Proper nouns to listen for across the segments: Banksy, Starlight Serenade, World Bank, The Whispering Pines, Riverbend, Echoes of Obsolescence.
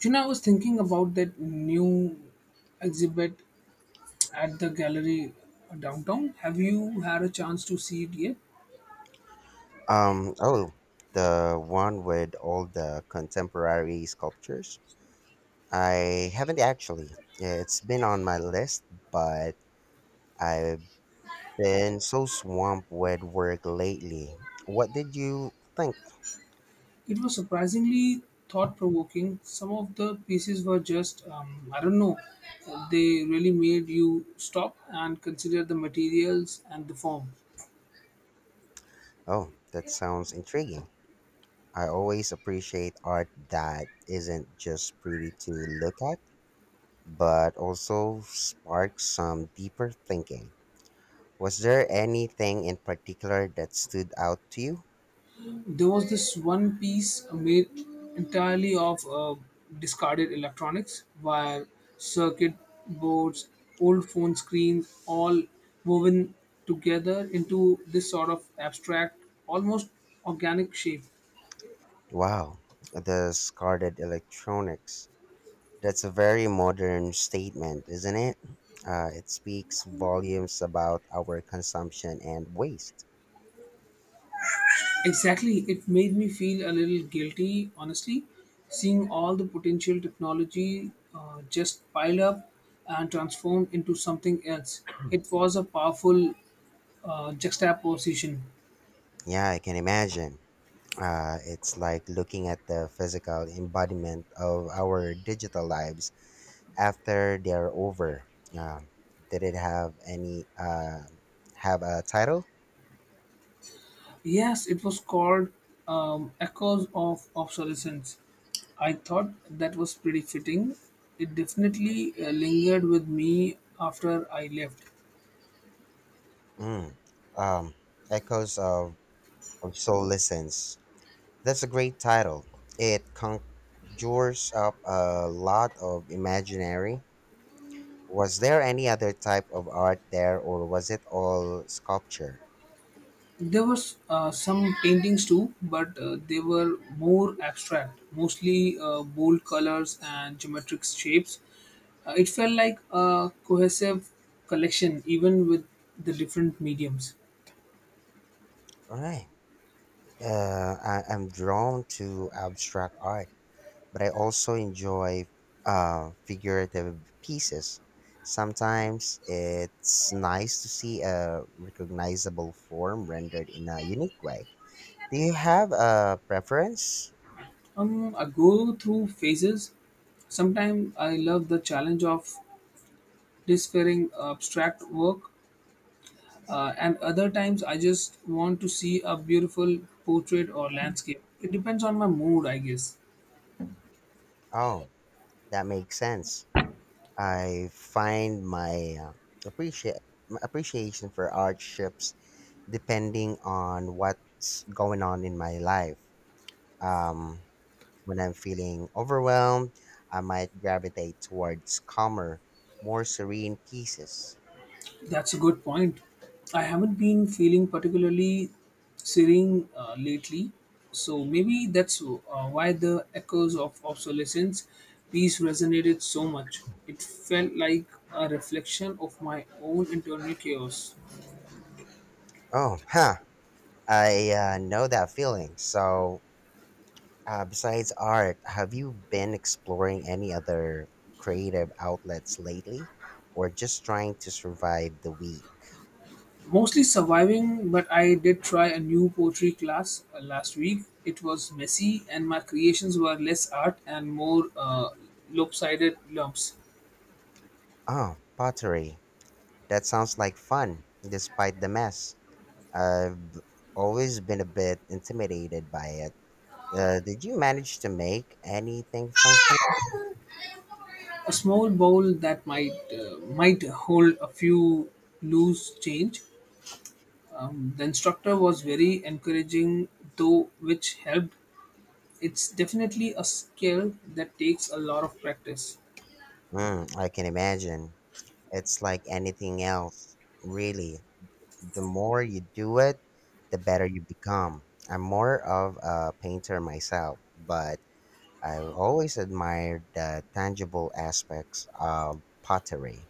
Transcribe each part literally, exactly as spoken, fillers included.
You know, I was thinking about that new exhibit at the gallery downtown. Have you had a chance to see it yet? Um, oh, the one with all the contemporary sculptures? I haven't actually. Yeah, it's been on my list, but I've been so swamped with work lately. What did you think? It was surprisingly thought provoking. Some of the pieces were just, um, I don't know, they really made you stop and consider the materials and the form. Oh, that sounds intriguing. I always appreciate art that isn't just pretty to look at, but also sparks some deeper thinking. Was there anything in particular that stood out to you? There was this one piece made entirely of uh, discarded electronics, wire, circuit boards, old phone screens, all woven together into this sort of abstract, almost organic shape. Wow, discarded electronics. That's a very modern statement, isn't it? Uh, it speaks volumes about our consumption and waste. Exactly, it made me feel a little guilty, honestly, seeing all the potential technology uh, just pile up and transform into something else. It was a powerful uh, juxtaposition. Yeah, I can imagine. Uh, it's like looking at the physical embodiment of our digital lives after they're over. Um, did it have any uh, have a title? Yes, it was called um, Echoes of Obsolescence. I thought that was pretty fitting. It definitely uh, lingered with me after I left. Mm. Um, Echoes of, of soul listens. That's a great title. It conjures up a lot of imaginary. Was there any other type of art there, or was it all sculpture? There was uh, some paintings too, but uh, they were more abstract, mostly uh, bold colors and geometric shapes. Uh, it felt like a cohesive collection, even with the different mediums. All right. Uh, I, I'm drawn to abstract art, but I also enjoy uh, figurative pieces. Sometimes it's nice to see a recognizable form rendered in a unique way. Do you have a preference? Um, I go through phases. Sometimes I love the challenge of this abstract work, uh, and other times I just want to see a beautiful portrait or landscape. It depends on my mood, I guess. Oh, that makes sense. I find my uh, appreciate my appreciation for art ships depending on what's going on in my life. Um, When I'm feeling overwhelmed, I might gravitate towards calmer, more serene pieces. That's a good point. I haven't been feeling particularly serene uh, lately, so maybe that's uh, why the echoes of obsolescence piece resonated so much. It felt like a reflection of my own internal chaos. Oh, huh. I uh, know that feeling. So, uh, besides art, have you been exploring any other creative outlets lately or just trying to survive the week? Mostly surviving, but I did try a new poetry class uh, last week. It was messy, and my creations were less art and more uh, lopsided lumps. Oh, pottery. That sounds like fun, despite the mess. I've always been a bit intimidated by it. Uh, did you manage to make anything functional? A small bowl that might uh, might hold a few loose change. Um, the instructor was very encouraging, though, which helped. It's definitely a skill that takes a lot of practice. Mm, I can imagine. It's like anything else, really. The more you do it, the better you become. I'm more of a painter myself, but I've always admired the tangible aspects of pottery.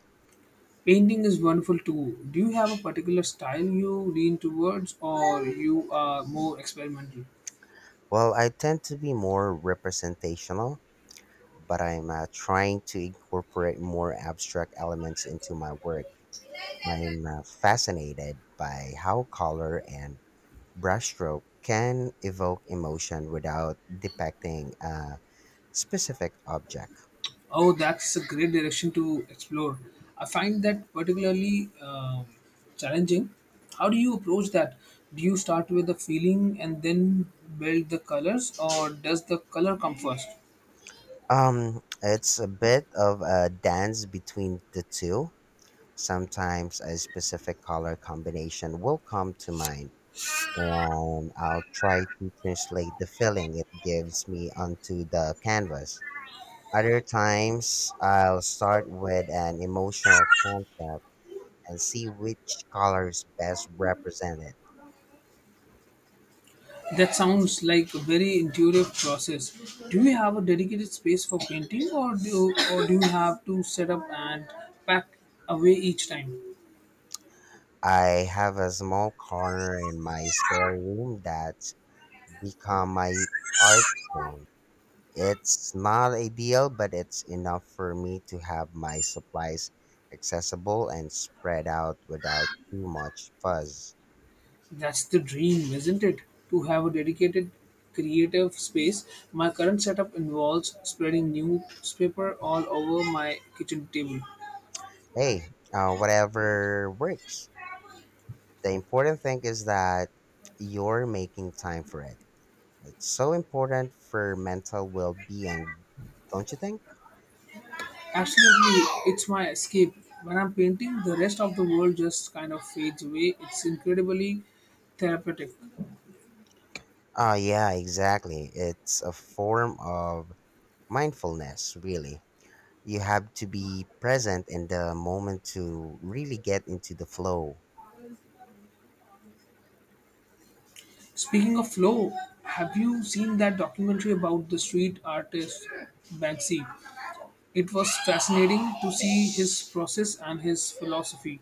Painting is wonderful too. Do you have a particular style you lean towards, or you are more experimental? Well, I tend to be more representational, but I'm uh, trying to incorporate more abstract elements into my work. I'm uh, fascinated by how color and brushstroke can evoke emotion without depicting a specific object. Oh, that's a great direction to explore. I find that particularly um, challenging. How do you approach that? Do you start with the feeling and then build the colors, or does the color come first? Um, it's a bit of a dance between the two. Sometimes a specific color combination will come to mind, and I'll try to translate the feeling it gives me onto the canvas. Other times, I'll start with an emotional concept and see which colors best represent it. That sounds like a very intuitive process. Do you have a dedicated space for painting, or do or do you have to set up and pack away each time? I have a small corner in my spare room that's become my art room. It's not ideal, but it's enough for me to have my supplies accessible and spread out without too much fuzz. That's the dream, isn't it? To have a dedicated creative space. My current setup involves spreading newspaper all over my kitchen table. Hey, uh, whatever works. The important thing is that you're making time for it. It's so important for mental well being, don't you think? Absolutely, it's my escape. When I'm painting, the rest of the world just kind of fades away. It's incredibly therapeutic. Oh, yeah, exactly. It's a form of mindfulness, really. You have to be present in the moment to really get into the flow. Speaking of flow, have you seen that documentary about the street artist Banksy? It was fascinating to see his process and his philosophy.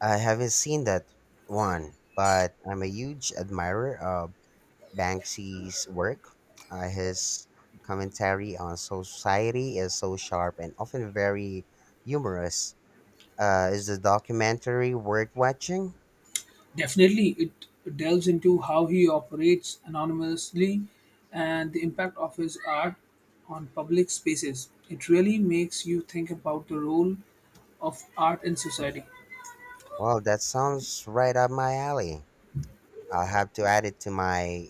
I haven't seen that one, but I'm a huge admirer of Banksy's work. Uh, his commentary on society is so sharp and often very humorous. Uh, is the documentary worth watching? Definitely, it delves into how he operates anonymously and the impact of his art on public spaces. It really makes you think about the role of art in society. Well, that sounds right up my alley. I'll have to add it to my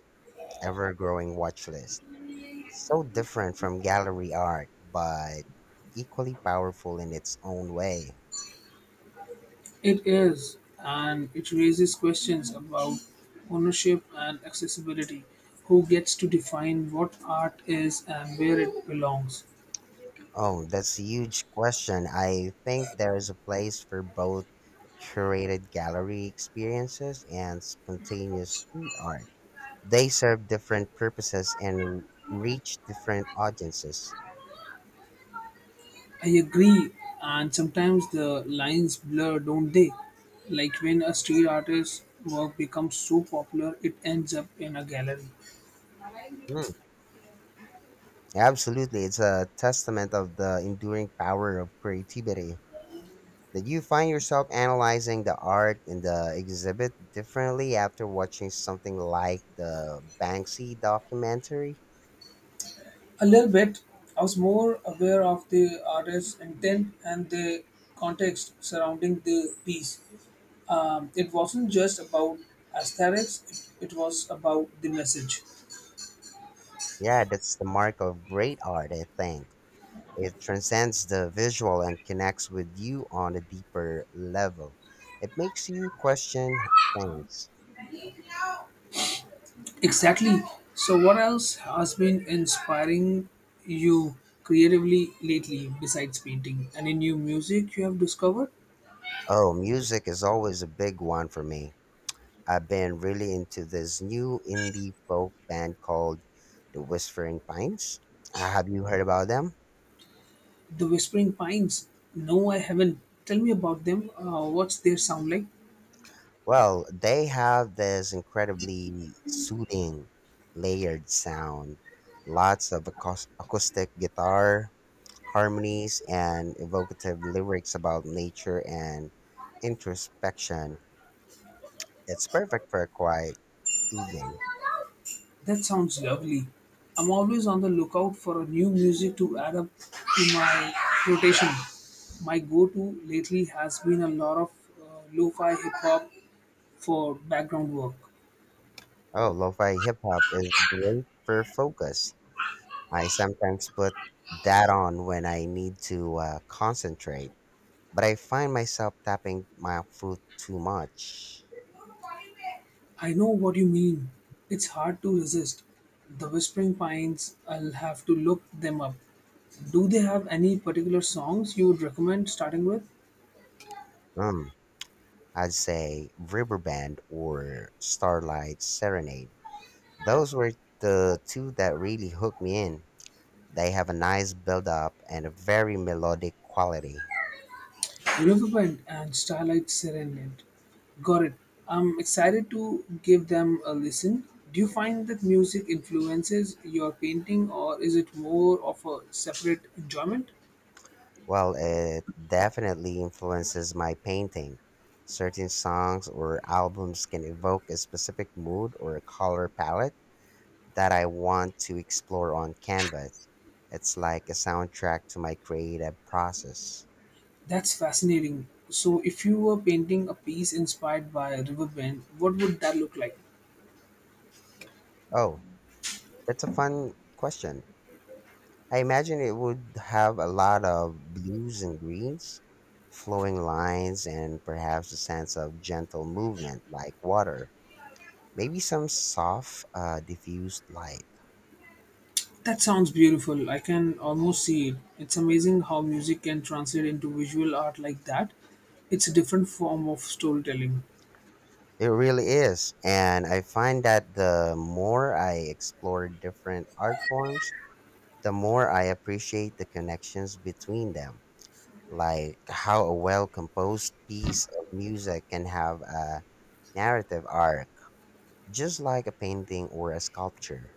ever growing watch list. So different from gallery art, but equally powerful in its own way. It is, and it raises questions about ownership and accessibility. Who gets to define what art is and where it belongs? Oh, that's a huge question. I think there is a place for both curated gallery experiences and spontaneous street art. They serve different purposes and reach different audiences. I agree, and sometimes the lines blur, don't they? Like when a street artist's work becomes so popular, it ends up in a gallery. Mm, absolutely. It's a testament of the enduring power of creativity. Did you find yourself analyzing the art in the exhibit differently after watching something like the Banksy documentary? A little bit, I was more aware of the artist's intent and the context surrounding the piece. Um, it wasn't just about aesthetics, it, it was about the message. Yeah, that's the mark of great art, I think. It transcends the visual and connects with you on a deeper level. It makes you question things. Exactly. So, what else has been inspiring you creatively lately besides painting? Any new music you have discovered? Oh, music is always a big one for me. I've been really into this new indie folk band called The Whispering Pines. Uh, Have you heard about them? The Whispering Pines. No, I haven't. Tell me about them. Uh, what's their sound like? Well, they have this incredibly soothing, layered sound. Lots of acous- acoustic guitar, harmonies, and evocative lyrics about nature and introspection. It's perfect for a quiet evening. That sounds lovely. I'm always on the lookout for a new music to add up to my rotation. My go to lately has been a lot of uh, lo fi hip hop for background work. Oh, lo-fi hip hop is great for focus. I sometimes put that on when I need to uh, concentrate, but I find myself tapping my foot too much. I know what you mean. It's hard to resist. The Whispering Pines, I'll have to look them up. Do they have any particular songs you would recommend starting with? Mm, I'd say Riverband or Starlight Serenade. Those were the two that really hooked me in. They have a nice build up and a very melodic quality. Riverbend and Starlight Serenade. Got it. I'm excited to give them a listen. Do you find that music influences your painting or is it more of a separate enjoyment? Well, it definitely influences my painting. Certain songs or albums can evoke a specific mood or a color palette that I want to explore on canvas. It's like a soundtrack to my creative process. That's fascinating. So, if you were painting a piece inspired by Riverbend, what would that look like? Oh, that's a fun question. I imagine it would have a lot of blues and greens, flowing lines, and perhaps a sense of gentle movement like water. Maybe some soft, uh, diffused light. That sounds beautiful. I can almost see it. It's amazing how music can translate into visual art like that. It's a different form of storytelling. It really is. And I find that the more I explore different art forms, the more I appreciate the connections between them. Like how a well composed piece of music can have a narrative arc, just like a painting or a sculpture.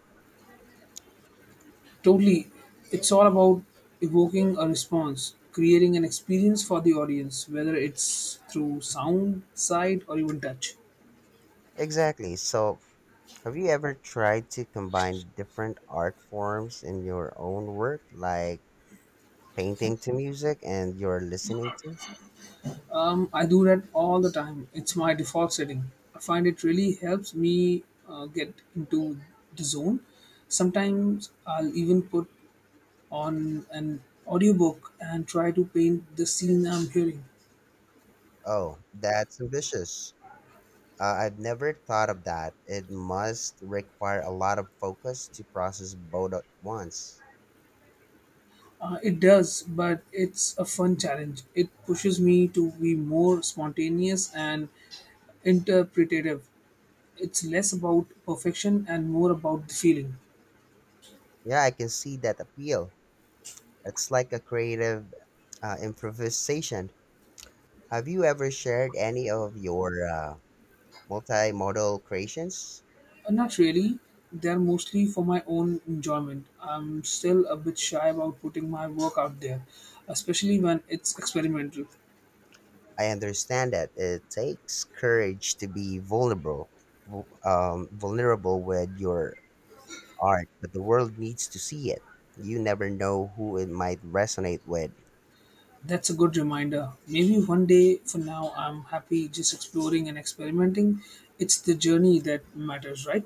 Totally. It's all about evoking a response, creating an experience for the audience, whether it's through sound, sight, or even touch. Exactly. So, have you ever tried to combine different art forms in your own work, like painting to music and you're listening to? Um, I do that all the time. It's my default setting. I find it really helps me uh, get into the zone. Sometimes I'll even put on an audiobook and try to paint the scene I'm hearing. Oh, that's ambitious. Uh, I've never thought of that. It must require a lot of focus to process both at once. Uh, it does, but it's a fun challenge. It pushes me to be more spontaneous and interpretative. It's less about perfection and more about the feeling. Yeah, I can see that appeal. It's like a creative uh, improvisation. Have you ever shared any of your uh, multimodal creations? Uh, not really. They're mostly for my own enjoyment. I'm still a bit shy about putting my work out there, especially when it's experimental. I understand that it takes courage to be vulnerable, vul- um, vulnerable with your art, but the world needs to see it. You never know who it might resonate with. That's a good reminder. Maybe one day for now, I'm happy just exploring and experimenting. It's the journey that matters, right?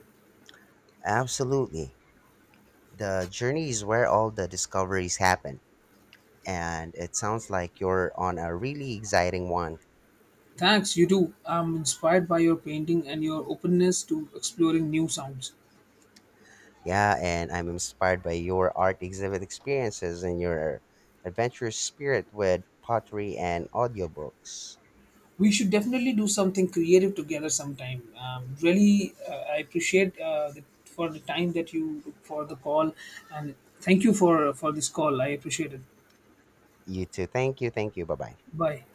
Absolutely. The journey is where all the discoveries happen, and it sounds like you're on a really exciting one. Thanks, you do. I'm inspired by your painting and your openness to exploring new sounds. Yeah, and I'm inspired by your art exhibit experiences and your adventurous spirit with pottery and audiobooks. We should definitely do something creative together sometime. Um, really, uh, I appreciate uh, the, for the time that you took for the call, and thank you for for this call. I appreciate it. You too. Thank you. Thank you. Bye bye. Bye.